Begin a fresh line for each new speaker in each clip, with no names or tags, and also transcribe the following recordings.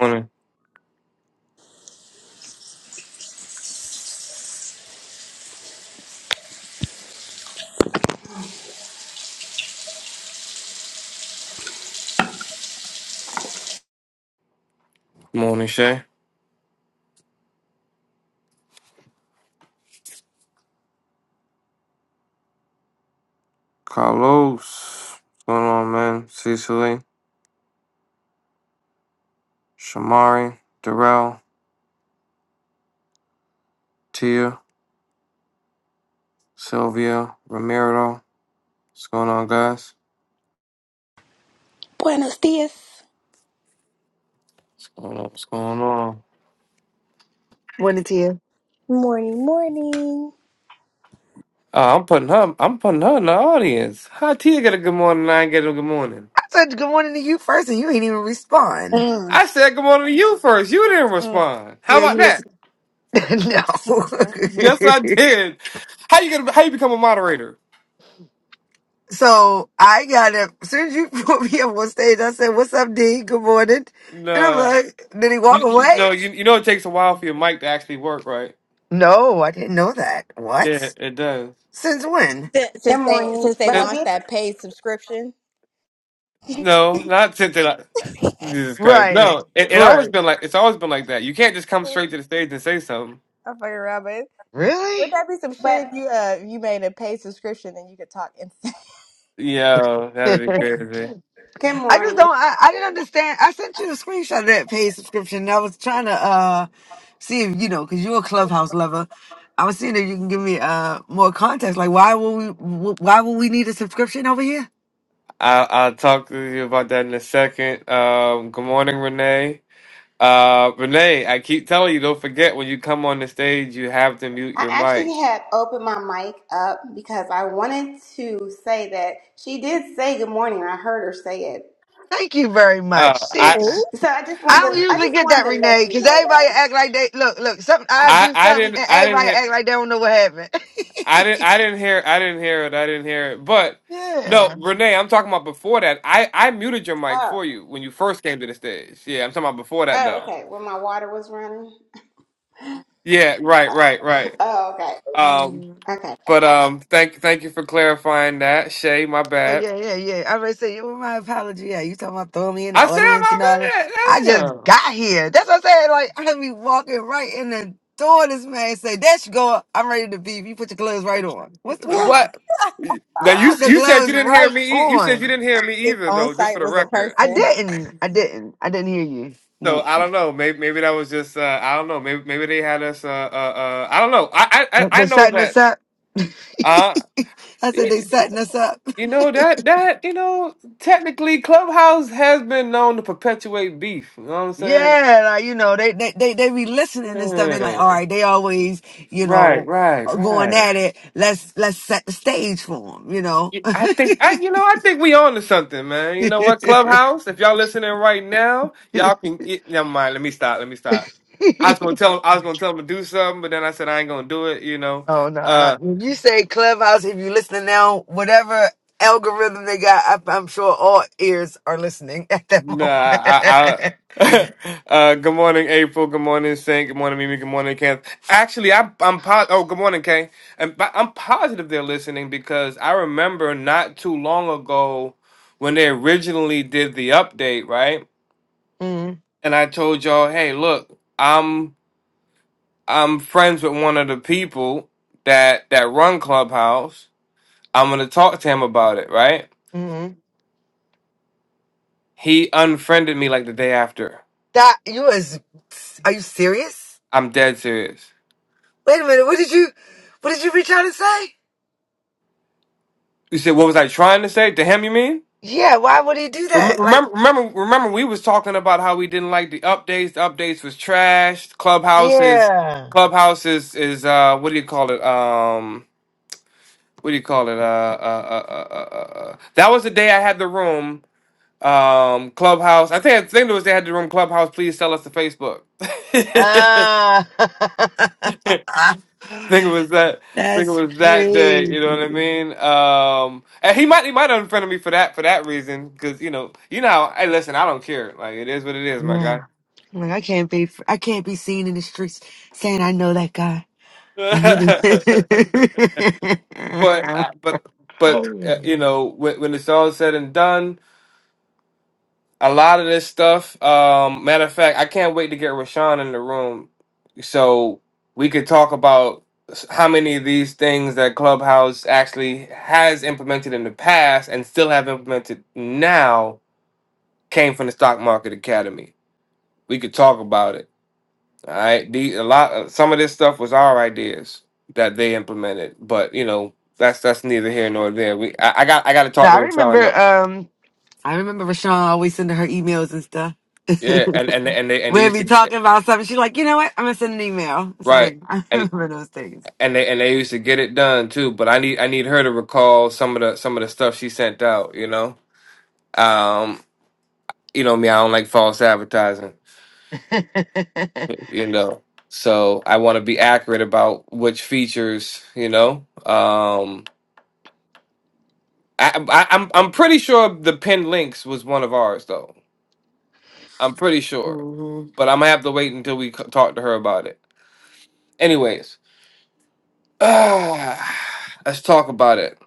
Morning. Morning, Shay. Carlos. What's going on, man? Cecily, Shamari, Darrell, Tia, Sylvia, Ramiro. What's going on, guys?
Buenos dias.
What's going on? What's going on?
Morning to you.
Morning, morning.
Uh, I'm putting her I'm putting her in the audience. How Tia get a good morning and I ain't get a good morning?
I said good morning to you first, and you ain't even respond.
Mm.
I said good morning to you first. You didn't respond. How
Yeah,
about
you
that?
listen. no.
Yes, I did. How you get a, how you become a moderator?
so I got up. As soon as you put me up on stage, I said, "What's up, D? Good morning." And I'm
Nah.
like, "Did he walk
You, you
away?"
know, you, you know it takes a while for your mic to actually work, right?
No, I didn't know that.
Yeah,
What?
it does.
Since when?
Since,
Good
since they
morning.
since they
But
Sin-
I
launched
did,
that paid subscription,
No, not since they like Jesus Christ.
Right.
No, it, it always
Right.
been like it's always been like that. You can't just come
Mm.
straight to the stage and say something.
I'm fucking around, but
Really?
would that be some
but
shit if you uh you made a paid subscription and you could talk insane?
Yeah, that'd be crazy.
good
I just
morning.
don't. I, I didn't understand. I sent you the screenshot of that paid subscription. And I was trying to uh see if you know because you're a clubhouse lover. I was seeing if you can give me uh more context. Like, why will we? wh- Why will we need a subscription over here?
I I'll talk to you about that in a second. Um, good morning, Renee. Uh, Renee, I keep telling you, don't forget when you come on the stage, you have to mute
I
your
actually
mic.
had opened my mic up because I wanted to say that she did say good morning. I heard her say it.
Thank you very
Uh,
much. See,
I
Oh,
So I just
I
wanted
don't
to, I
usually
just
get that,
wanted to let
Renee,
you
because
know
everybody
that.
act like they look. Look, something I
I
do
I
something,
didn't
and
I didn't
everybody
hit.
act like they don't know what happened.
I didn't I didn't hear I didn't hear it. I didn't hear it. But no, Renee, I'm talking about before that. I I muted your mic
Oh,
for you when you first came to the stage. Yeah, I'm talking about before that
oh,
though.
okay. Well, my water was running.
Yeah, right, right, right.
Oh, okay.
Um
yeah.
Okay.
but um thank thank you for clarifying that. Shay, my
So
bad.
yeah, yeah, yeah. I already said, "Well, my apology." Yeah, you talking about throwing me in the
I
audience and all that.
said
I
my
just
bad.
got here. That's what I said. Like I be walking right in the door. This man say, "There you go. I'm ready to be. You put your gloves right on. What's the
Damn.
problem?
What? Now
Yeah,
you
put the
you said
gloves
you didn't hear
right
me. e- You said you
on.
didn't hear me
if
either
on
though, just for
site
the
was a
record.
I
person,
didn't. I didn't. I didn't hear you.
So
No,
I don't know. Maybe maybe that was just uh, I don't know. Maybe maybe they had us. Uh, uh, uh, I don't know. I I I I
they're
know
setting
that.
us up.
Uh
I said
y-
they setting us up.
you know that that you know technically Clubhouse has been known to perpetuate beef. You know what I'm saying?
Yeah, like, you know, they, they they they be listening and stuff. They like,
Yeah.
all right, they always, you
Right,
know,
right,
are going
right.
at it. Let's let's set the stage for them, you know.
Y- I think I you know I think we on to something, man. You know what, Clubhouse? If y'all listening right now, y'all can get, never mind. Let me stop. Let me stop. I was gonna tell him I was gonna tell him to do something, but then I said I ain't gonna do it. You know.
oh no,
Uh,
no. When you say clubhouse, if you are listening now, whatever algorithm they got, I, I'm sure all ears are listening at that
Nah,
moment.
I, I uh, good morning, April. Good morning, Saint. Good morning, Mimi. Good morning, Kenneth. Actually, I, I'm po- Oh, good morning, Kay. And but I'm positive they're listening because I remember not too long ago when they originally did the update, right? And I told y'all, hey, look, I'm I'm friends with one of the people that that run Clubhouse. I'm gonna talk to him about it, right?
mm-hmm.
He unfriended me like the day after.
That you is, are you serious?
I'm dead serious.
Wait a minute, what did you, what did you reach out and say?
You said, what was I trying to say? To him, you mean?
Yeah, why would he do
Remem-
that? Like,
Remember, remember, remember, we was talking about how we didn't like the updates. The updates was trash. Clubhouse is,
yeah.
Clubhouse is, is uh, what do you call it? Um, what do you call it? Uh, uh, uh, uh, uh, uh. uh. that was the day I had the room. Um, Clubhouse. I think I think it was they had the room. Clubhouse. Please sell us to Facebook.
Ah,
I think it was that. I think it
that's
was that day.
crazy.
You know what I mean? Um, and he might he might have unfriended me for that for that reason because you know you know how- hey listen I don't care like it is what it is my
Yeah,
guy.
like I can't be, I can't be seen in the streets saying I know that guy. And he did
but
no,
uh, but but uh, you know when, when it's all said and done a lot of this stuff. Um, matter of fact, I can't wait to get Rashawn in the room so we could talk about s- how many of these things that Clubhouse actually has implemented in the past and still have implemented now came from the Stock Market Academy. We could talk about it. All right, the, a lot. uh, Some of this stuff was our ideas that they implemented, but you know that's that's neither here nor there. We I, I got I got to talk to
I remember.
Rashawn though.
Um, I remember Rashawn always sending her emails and stuff.
Yeah, and and and they and they
We'd
used
be
to eh,
talking about something. She's like, you know what? I'm gonna send an email. So like, I
right
remember those things.
and they and they used to get it done too. But I need I need her to recall some of the some of the stuff she sent out. You know, um, you know me, I don't like false advertising. You know, so I want to be accurate about which features. You know, um, I, I I'm I'm pretty sure the pinned links was one of ours though. I'm pretty sure,
hmm
but I'm gonna have to wait until we c- talk to her about it. Anyways, let's talk about it.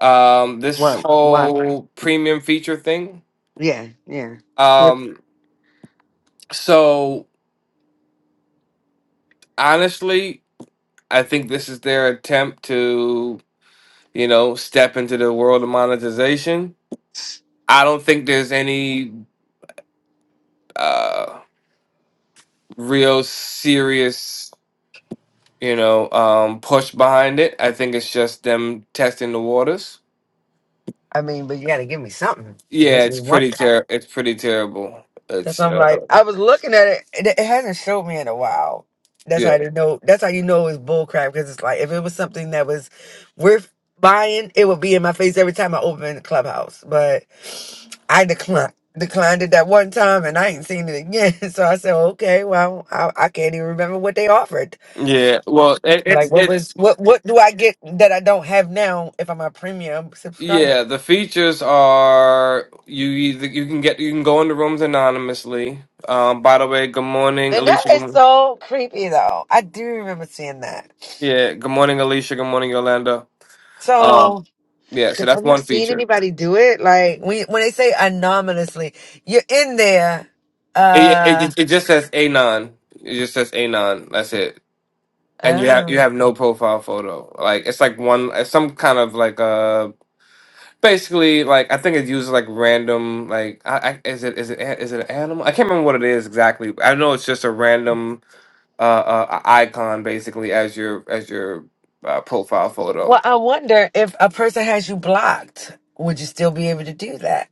Um, this
Well, well,
whole premium feature thing.
yeah, yeah. But,
Um, so honestly, I think this is their attempt to, you know, step into the world of monetization. I don't think there's any uh real serious, you know, um push behind it. I think it's just them testing the waters.
I mean, but you got to give me something to
Yeah,
make me
it's
want
pretty
that.
ter it's pretty terrible.
That's
It's
I'm
uh
like, I was looking at it. It it hasn't showed me in a while. That's how
yeah.
you know. That's how you know it's bullcrap because it's like if it was something that was worth buying, it would be in my face every time I open the clubhouse. But I declined declined it that one time, and I ain't seen it again. So I said, okay, well, I, I can't even remember what they offered.
Yeah. Well, it,
Like
it's
what
it's
was what what do I get that I don't have now if I'm a premium subscriber?
Yeah, the features are you either you can get you can go into rooms anonymously. Um, by the way, good morning,
And that
Alicia. Good
is
morning.
so creepy though. I do remember seeing that.
Yeah, good morning, Alicia. Good morning, Yolanda. Um,
So
yeah, so that's
have you
one
seen
feature.
anybody do it? Like when when they say anonymously, you're in there.
It it,
Uh
it it just says anon. It just says anon. That's it. And you have you
oh.
have no profile photo. Like it's like one it's some kind of like uh basically like I think it uses like random like I, I is it is it a- is it an animal? I can't remember what it is exactly. I know it's just a random uh, uh icon basically as your as your uh, profile
Well,
photo.
I wonder if a person has you blocked, would you still be able to do that?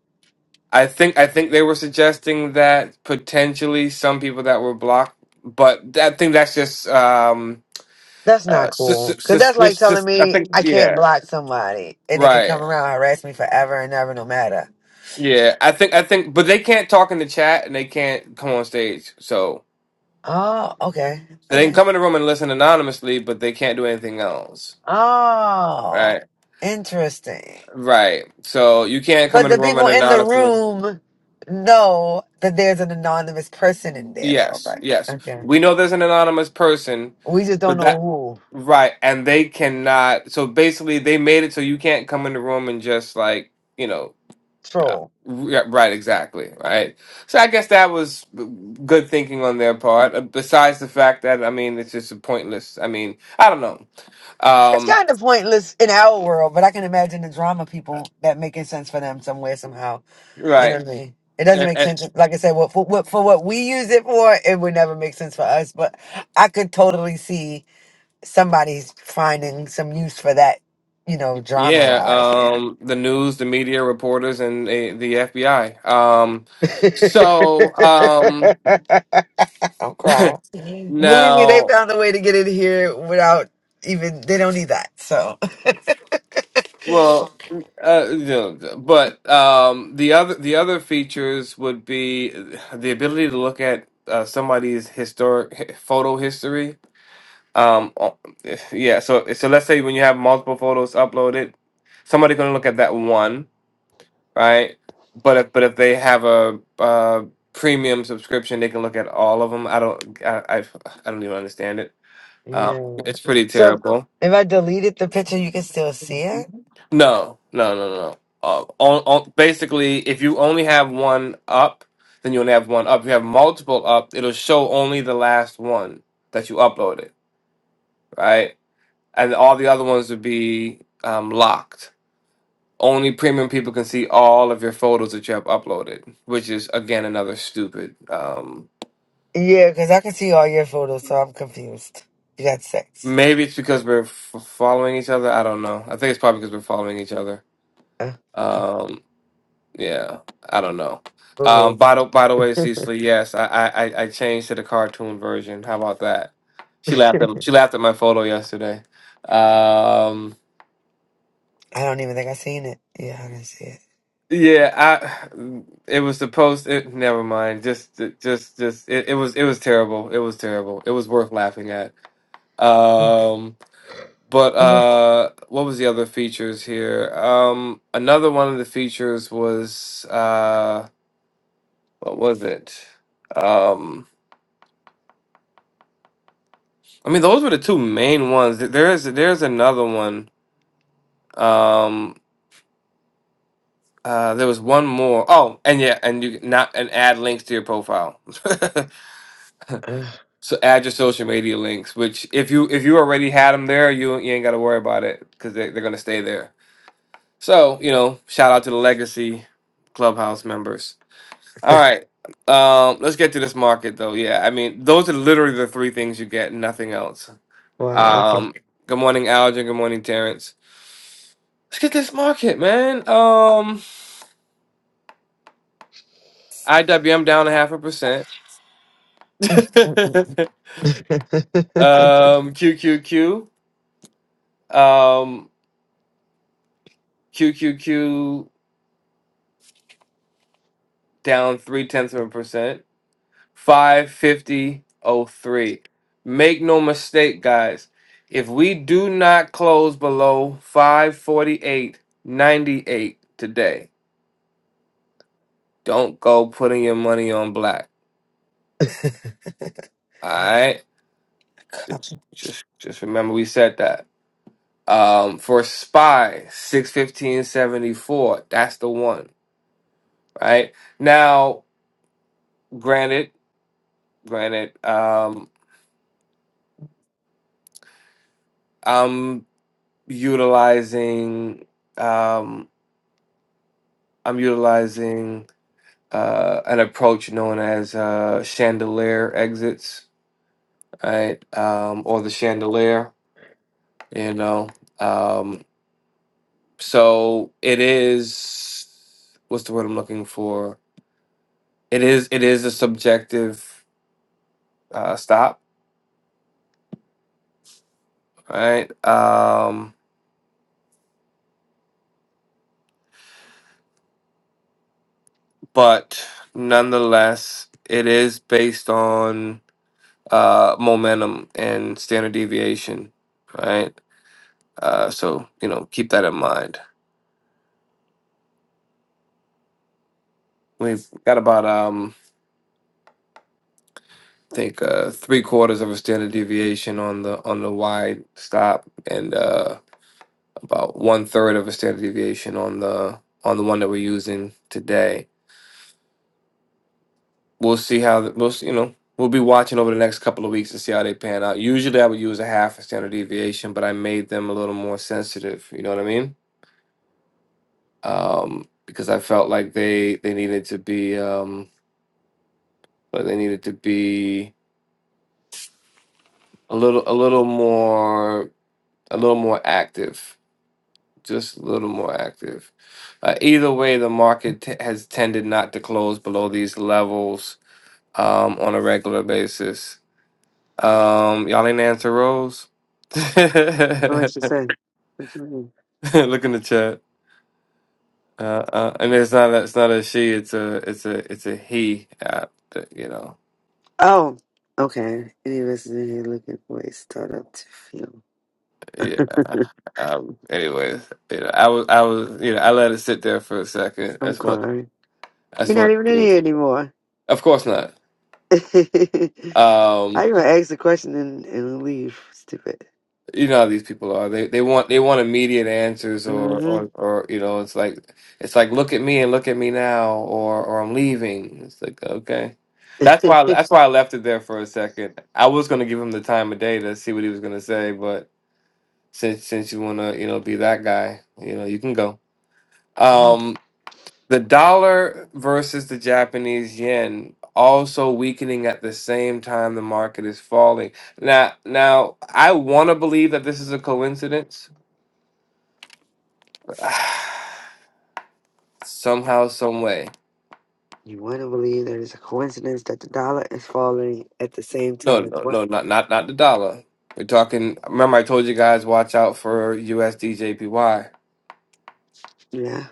I think I think they were suggesting that potentially some people that were blocked, but that- I think that's just um
That's not
uh, sus-
cool. Cause
suspicious.
that's like telling
sus- I
me
think
I can't
yeah
block somebody and they can come
right
around and harass me forever and ever, no matter.
yeah I think I think but they can't talk in the chat and they can't come on stage so
Oh, okay.
so they can
Okay.
come in the room and listen anonymously but they can't do anything else
Oh,
right
interesting.
right so you can't come
But
in the
the
room
people
and
in the
anonymously
room know that there's an anonymous person in there, though.
Yes,
Like,
yes.
okay.
We know there's an anonymous person,
We just don't
but
know
that
who.
right, and they cannot. So basically, they made it so you can't come in the room and just like you know, uh,
True.
r- right, exactly, right. So I guess that was good thinking on their part. uh, Besides the fact that I mean, it's just a pointless. I mean, I don't know.
It's
Um,
kind of pointless in our world, but I can imagine the drama people that making sense for them somewhere, somehow. You know
right.
what I mean? It doesn't
A-
make
a-
sense. Like I said, what for, what, for what we use it for, it would never make sense for us. But I could totally see somebody's finding some use for that, you know, drama
Yeah,
wise. Yeah.
um, the news, the media, reporters, and the, the FBI. Um, so, um,
I'm crying. Believe me, they
Now,
found a way to get in here without even they don't need that. So
well, uh, you but um, the other the other features would be the ability to look at uh, somebody's historic photo history. Um, uh, yeah, so so let's say when you have multiple photos uploaded, somebody going to look at that one, right? But if but if they have a uh, premium subscription, they can look at all of them. I don't I I, I don't even understand it. Um,
Yeah.
it's pretty
So
terrible.
if I deleted the picture you can still see it?
No, no, no, no. no. Uh, on, on, basically, if you only have one up, then you only have one up. If you have multiple up, it'll show only the last one that you uploaded, right? And all the other ones would be um, locked. Only premium people can see all of your photos that you have uploaded, which is again another stupid. Um,
Yeah, because I can see all your photos, so I'm confused. You got sex.
maybe it's because we're f following each other. I don't know. I think it's probably because we're following each other.
Uh, uh,
Um, Yeah, I don't know. Um, by the by the way,
I
Cecily, yes, I, I I I changed to the cartoon version. How about that? She laughed at she laughed at my photo yesterday. Um,
don't even think I seen it. Yeah, I didn't see it.
yeah, I it was the post. It, never mind. Just just just it, it was it was terrible. It was terrible. It was worth laughing at.
Uh,
Um, but uh, what was the other features here? Um, another one of the features was uh, what was it? Um. I mean, those were the two main ones. Th- There is there's another one. Um, uh, there was one more. Oh, and yeah, and you can not and add links to your profile.
uh,
so add your social media links, which if you if you already had them there, you you ain't got to worry about it because they they're gonna stay there. So you know, shout out to the legacy clubhouse members. All right, um, let's get to this market though. Yeah, I mean, those are literally the three things you get. Nothing else.
wow, okay.
Um, good morning, Algin. Good morning, Terrence. Let's get this market, man. Um, IWM down a half a percent.
know
um, QQQ, um, QQQ down three tenths of a percent. Five fifty oh three. Make no mistake, guys. If we do not close below five forty eight ninety eight today, don't go putting your money on black. All right. Just, just, just remember we said that. Um, for Spy, 61574. That's the one, right? Now, granted, granted, um, I'm utilizing, um, I'm utilizing, uh, an approach known as, uh, chandelier exits, right? Um, or the chandelier, you know, um, so it is, what's the word I'm looking for? It is, it is a subjective, uh, stop right? Um, but nonetheless, it is based on uh, momentum and standard deviation, right? Uh, so you know, keep that in mind. We've got about um, I think uh, three quarters of a standard deviation on the on the wide stop, and uh, about one third of a standard deviation on the on the one that we're using today we'll see how the, we'll see, you know we'll be watching over the next couple of weeks to see how they pan out. Usually, I would use a half a standard deviation, but I made them a little more sensitive. You know what I mean? Um, because I felt like they they needed to be um, but they needed to be a little a little more a little more active. Just a little more active. Uh, either way, the market t- has tended not to close below these levels um, on a regular basis. Um, y'all ain't answer Rose. Look in
what you said. What you mean?
the chat. Uh, uh, and it's not a, it's not a she. It's a it's a it's a he. Uh, you know.
Oh, okay. Any of us is in here looking for a startup to feel.
Yeah. Um, anyways, you know, I was I was you know I let it sit there for a second. I
I'm
just want
crying.
I just
He's not
want
even in
to.
here anymore.
Of course not.
How
Um,
you gonna ask a question and, and leave? Stupid.
you know how these people are. They they want they want immediate answers or
Mm-hmm.
or or you know it's like it's like look at me and look at me now or or I'm leaving. It's like okay. That's why that's why I left it there for a second. I was going to give him the time of day to see what he was going to say, but since since you want to, you know, be that guy, you know, you can go. Um the dollar versus the Japanese yen also weakening at the same time the market is falling. Now now I want to believe that this is a coincidence Somehow, some way.
you want to believe that it's a coincidence that the dollar is falling at the same
No,
time as
no,
what?
no, not not not the dollar. We're talking. Remember, I told you guys watch out for USDJPY,
Yeah.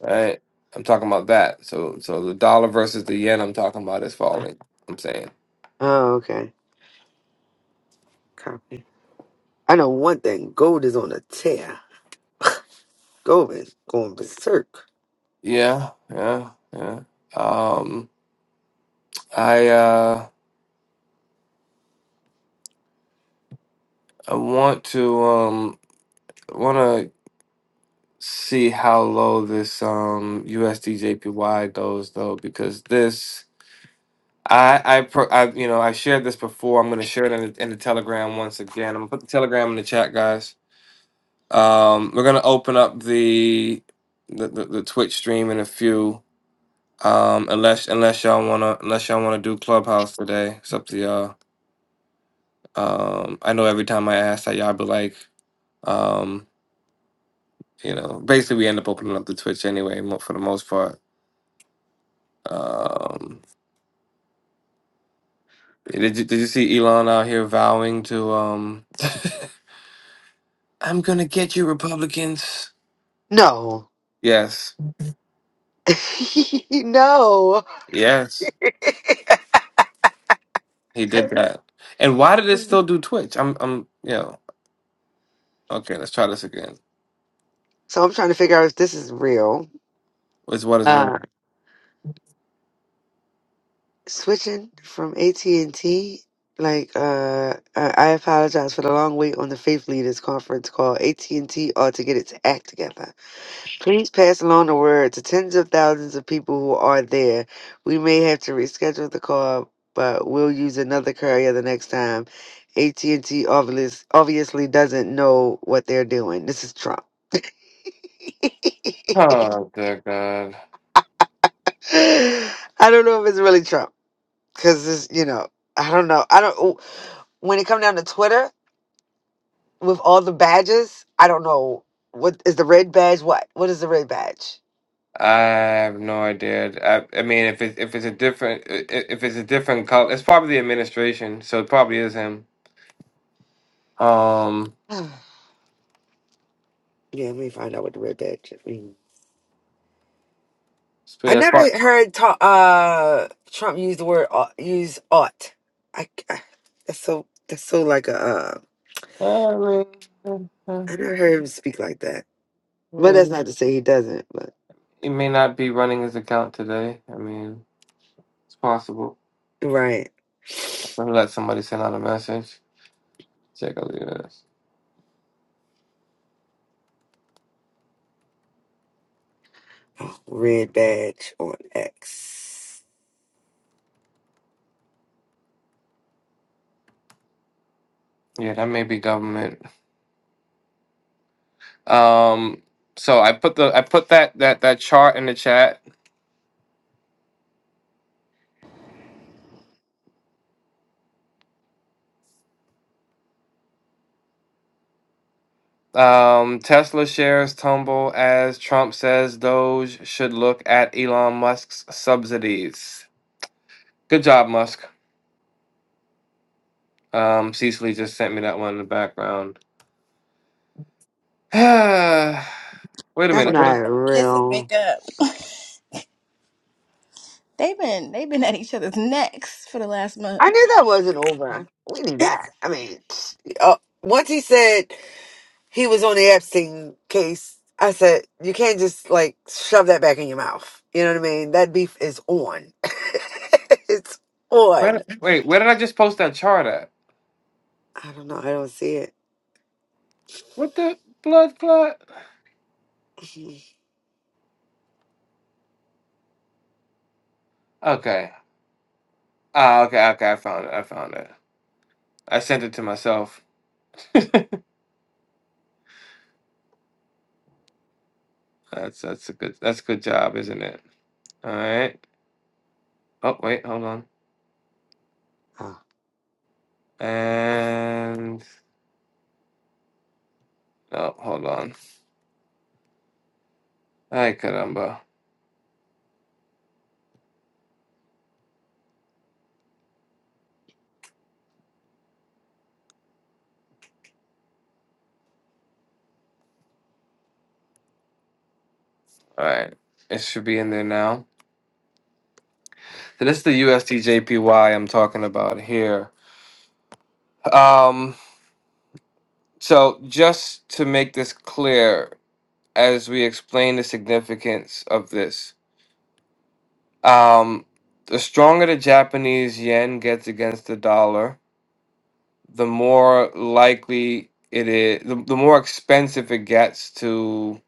right? I'm talking about that. So, so the dollar versus the yen. I'm talking about is falling. I'm saying,
Oh, okay. Copy. I know one thing. Gold is on a tear. Going, going berserk.
yeah, yeah, yeah. Um, I uh, I want to um, want to see how low this um USDJPY goes though, because this. I I, pro, I you know I shared this before. I'm gonna share it in the, in the Telegram once again. I'm gonna put the Telegram in the chat, guys. Um, we're gonna open up the the, the, the Twitch stream in a few. Um, unless unless y'all wanna unless y'all wanna do Clubhouse today, it's up to y'all. Um, I know every time I ask that y'all be like, um, you know, basically we end up opening up the Twitch anyway mo- for the most part. Um, did you, did you see Elon out here vowing to um? I'm going to get you, Republicans.
No.
Yes.
no.
Yes. He did that. And why did it still do Twitch? I'm, I'm, you know, okay, let's try this again.
so I'm trying to figure out if this is real.
Is what is real?
Uh, switching from AT&T, like, uh, I I apologize for the long wait on the Faith Leaders Conference call. AT&T ought to get its act together. Please pass along the word to tens of thousands of people who are there. We may have to reschedule the call, but we'll use another courier the next time. AT&T obvious, obviously doesn't know what they're doing. This is Trump.
Oh, dear God.
I don't know if it's really Trump because this, you know, I don't know. I don't. oh, When it come down to Twitter with all the badges, I don't know what is the red badge. What? What is the red badge?
I have no idea. I, I mean, if it's if it's a different i- i- if it's a different color, it's probably the administration. So it probably is him. Um,
yeah, let me find out what the red badge means.
so
I
yeah, it's
never
prob-
heard ta- uh, Trump use the word au- use ought. I, I that's so that's so like a uh,
I mean,
I never heard him speak like that. But that's
um,
not to say he doesn't. But
he may not be running his account today. I mean, it's possible.
right,
I'm gonna let somebody send out a message. Take a look at this.
Oh, red badge on X.
Yeah, that may be government. Um, so I put the I put that that that chart in the chat. Um, Tesla shares tumble as Trump says Doge should look at Elon Musk's subsidies. Good job, Musk. Um, Cecily just sent me that one in the background. wait a
That's
minute. What
not
did-
kiss and
real.
make up. They've been they've been at each other's necks for the last month.
I knew that wasn't over. We knew that. I mean, uh, once he said. he was on the Epstein case. I said, you can't just like shove that back in your mouth. You know what I mean? That beef is on. it's
where,
on.
did- wait, where did I just post that chart at?
I don't know. I don't see it.
What the blood clot? Okay. Ah, okay, okay. I found it. I found it. I sent it to myself. That's that's a good that's a good job, isn't it? All right. Oh wait, hold on. And oh, hold on. Ay caramba. All right. It should be in there now. So this is the USDJPY I'm talking about here. Um, so just to make this clear, as we explain the significance of this, um, the stronger the Japanese yen gets against the dollar, the more likely it is, the, the more expensive it gets to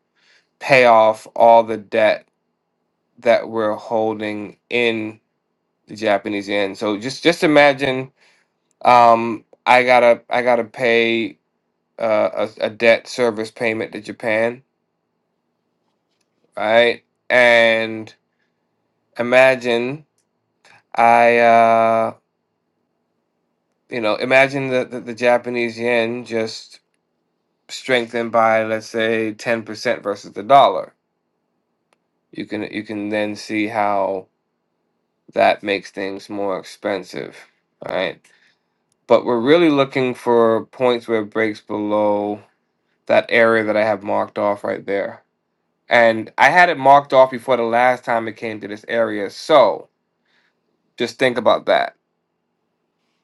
pay off all the debt that we're holding in the Japanese yen. So just just imagine um, I gotta I gotta pay uh, a, a debt service payment to Japan, right? And imagine I uh, you know imagine the, the the Japanese yen just strengthened by let's say ten percent versus the dollar you can you can then see how that makes things more expensive all right but we're really looking for points where it breaks below that area that i have marked off right there and i had it marked off before the last time it came to this area so just think about that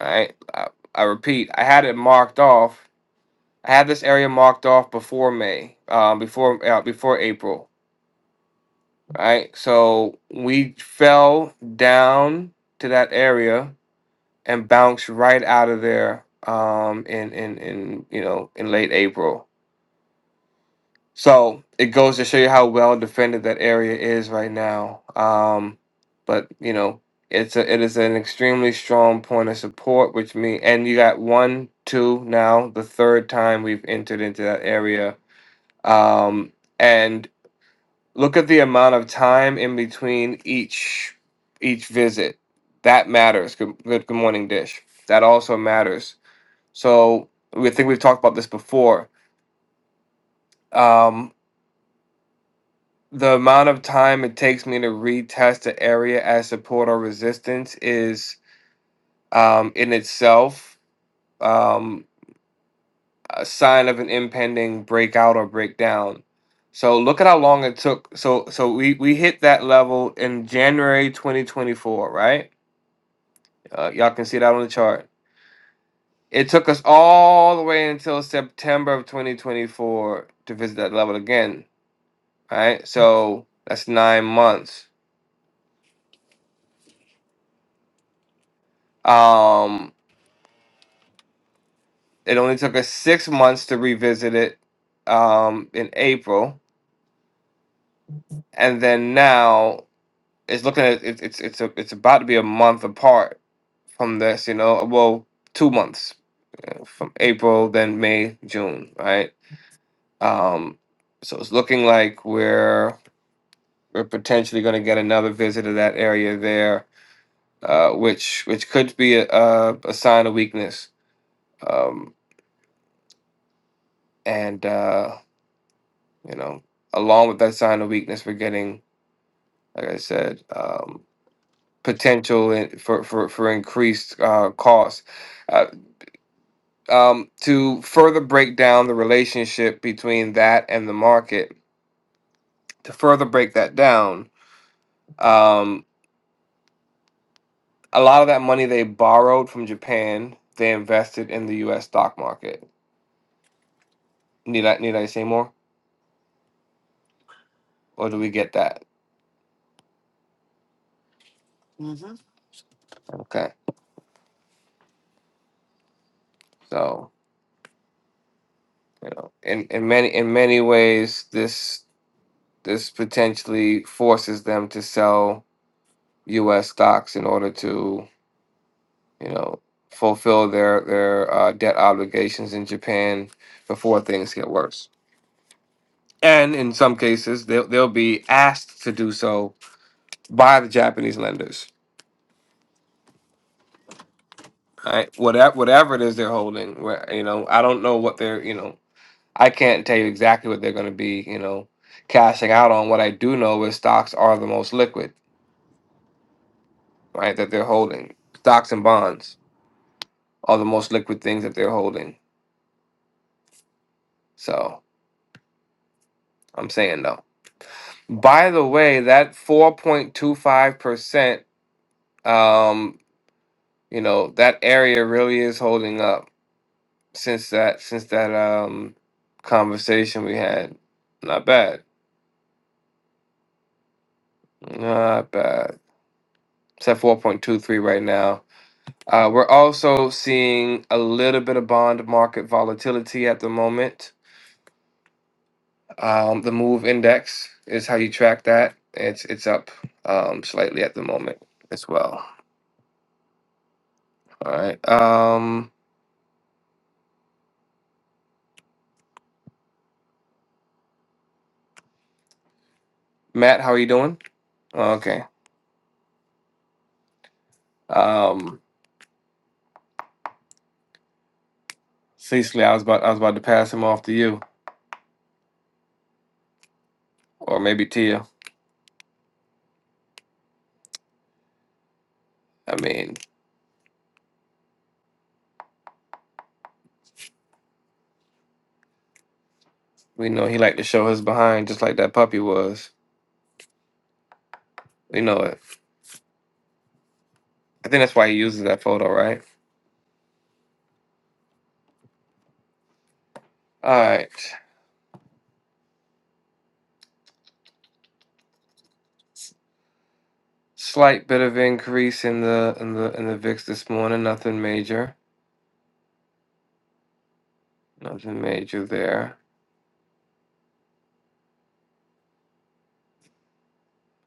all right i, I repeat i had it marked off i had this area marked off before may um, before uh, before april All right so we fell down to that area and bounced right out of there um, in, in, in, you know, in late April. So it goes to show you how well defended that area is right now. Um, but, you know, it's a, it is an extremely strong point of support, which means, and you got one, two now, the third time we've entered into that area. Um, and look at the amount of time in between each each visit. That matters. Good, good, good morning, Dish. That also matters so we I think we've talked about this before. Um, the amount of time it takes me to retest the area as support or resistance is um, in itself um, a sign of an impending breakout or breakdown. So look at how long it took. So so we we hit that level in January 2024, right? Uh, y'all can see that on the chart. It took us all the way until September of 2024 to visit that level again. right? So that's nine months. Um, it only took us six months to revisit it um, in April, and then now it's looking at it, it's it's a, it's about to be a month apart from this. You know, well, two months you know, from April, then May, June, right? Um, so it's looking like we're we're potentially going to get another visit to that area there, uh, which which could be a, a, a sign of weakness. Um, and uh, you know, along with that sign of weakness, we're getting, like I said, um, potential in, for for for increased uh, costs. Uh, um, to further break down the relationship between that and the market, to further break that down, um, a lot of that money they borrowed from Japan, they invested in the U.S. stock market. Need I need I say more, or do we get that?
Oh.
Okay, so you know in in many in many ways this This potentially forces them to sell U.S. stocks in order to, you know, fulfill their their uh, debt obligations in Japan before things get worse. And in some cases, they'll they'll be asked to do so by the Japanese lenders. Right, whatever whatever it is they're holding, where you know, I don't know what they're, you know, I can't tell you exactly what they're going to be, you know, cashing out on. What I do know is stocks are the most liquid, right? That they're holding stocks and bonds. are the most liquid things that they're holding. So I'm saying though. By the way, that 4.25%, um, you know, that area really is holding up since that since that um conversation we had. Not bad. Not bad. It's at 4.23 right now. Uh, we're also seeing a little bit of bond market volatility at the moment. Um, the move index is how you track that. It's it's up um, slightly at the moment as well. All right, um, Matt, how are you doing? Okay, um, Cecily, I was about I was about to pass him off to you, or maybe to you. I mean, we know he liked to show his behind, just like that puppy was. We know it. I think that's why he uses that photo, right? All right, slight bit of increase in the in the in the VIX this morning. Nothing major. Nothing major there.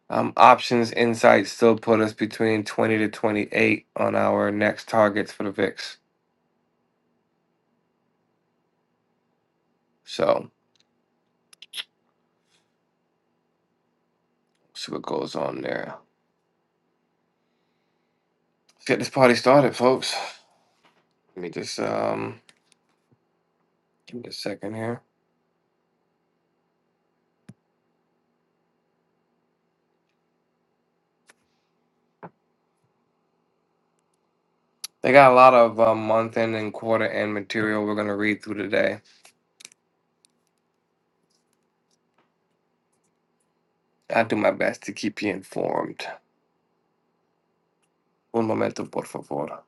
Um, options insights still put us between 20 to 28 on our next targets for the VIX. So see what goes on there. Let's get this party started, folks. Let me just um give me a second here. They got a lot of uh, month end and quarter end material we're gonna read through today. I'll do my best to keep you informed. Un momento, por favor.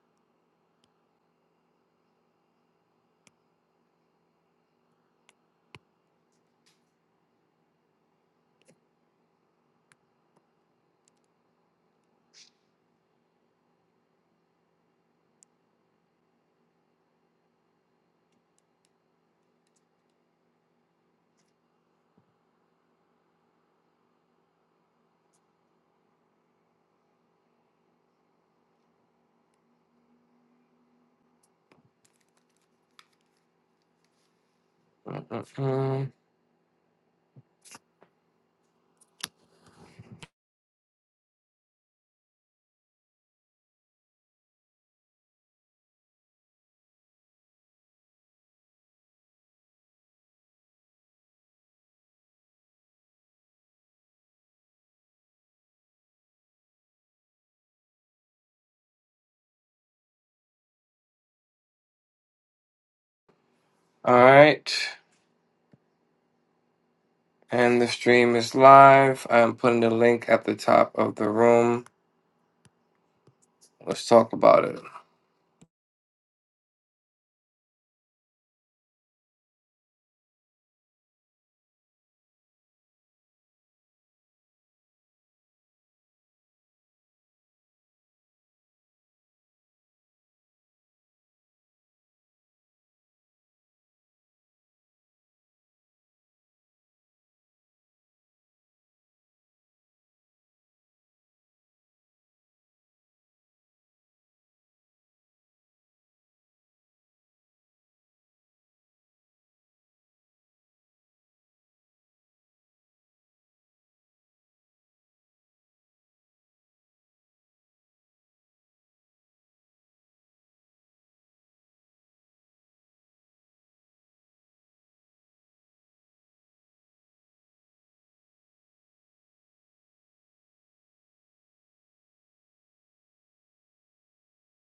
Mm-mm-mm. All right, and the stream is live. I'm putting the link at the top of the room. Let's talk about it.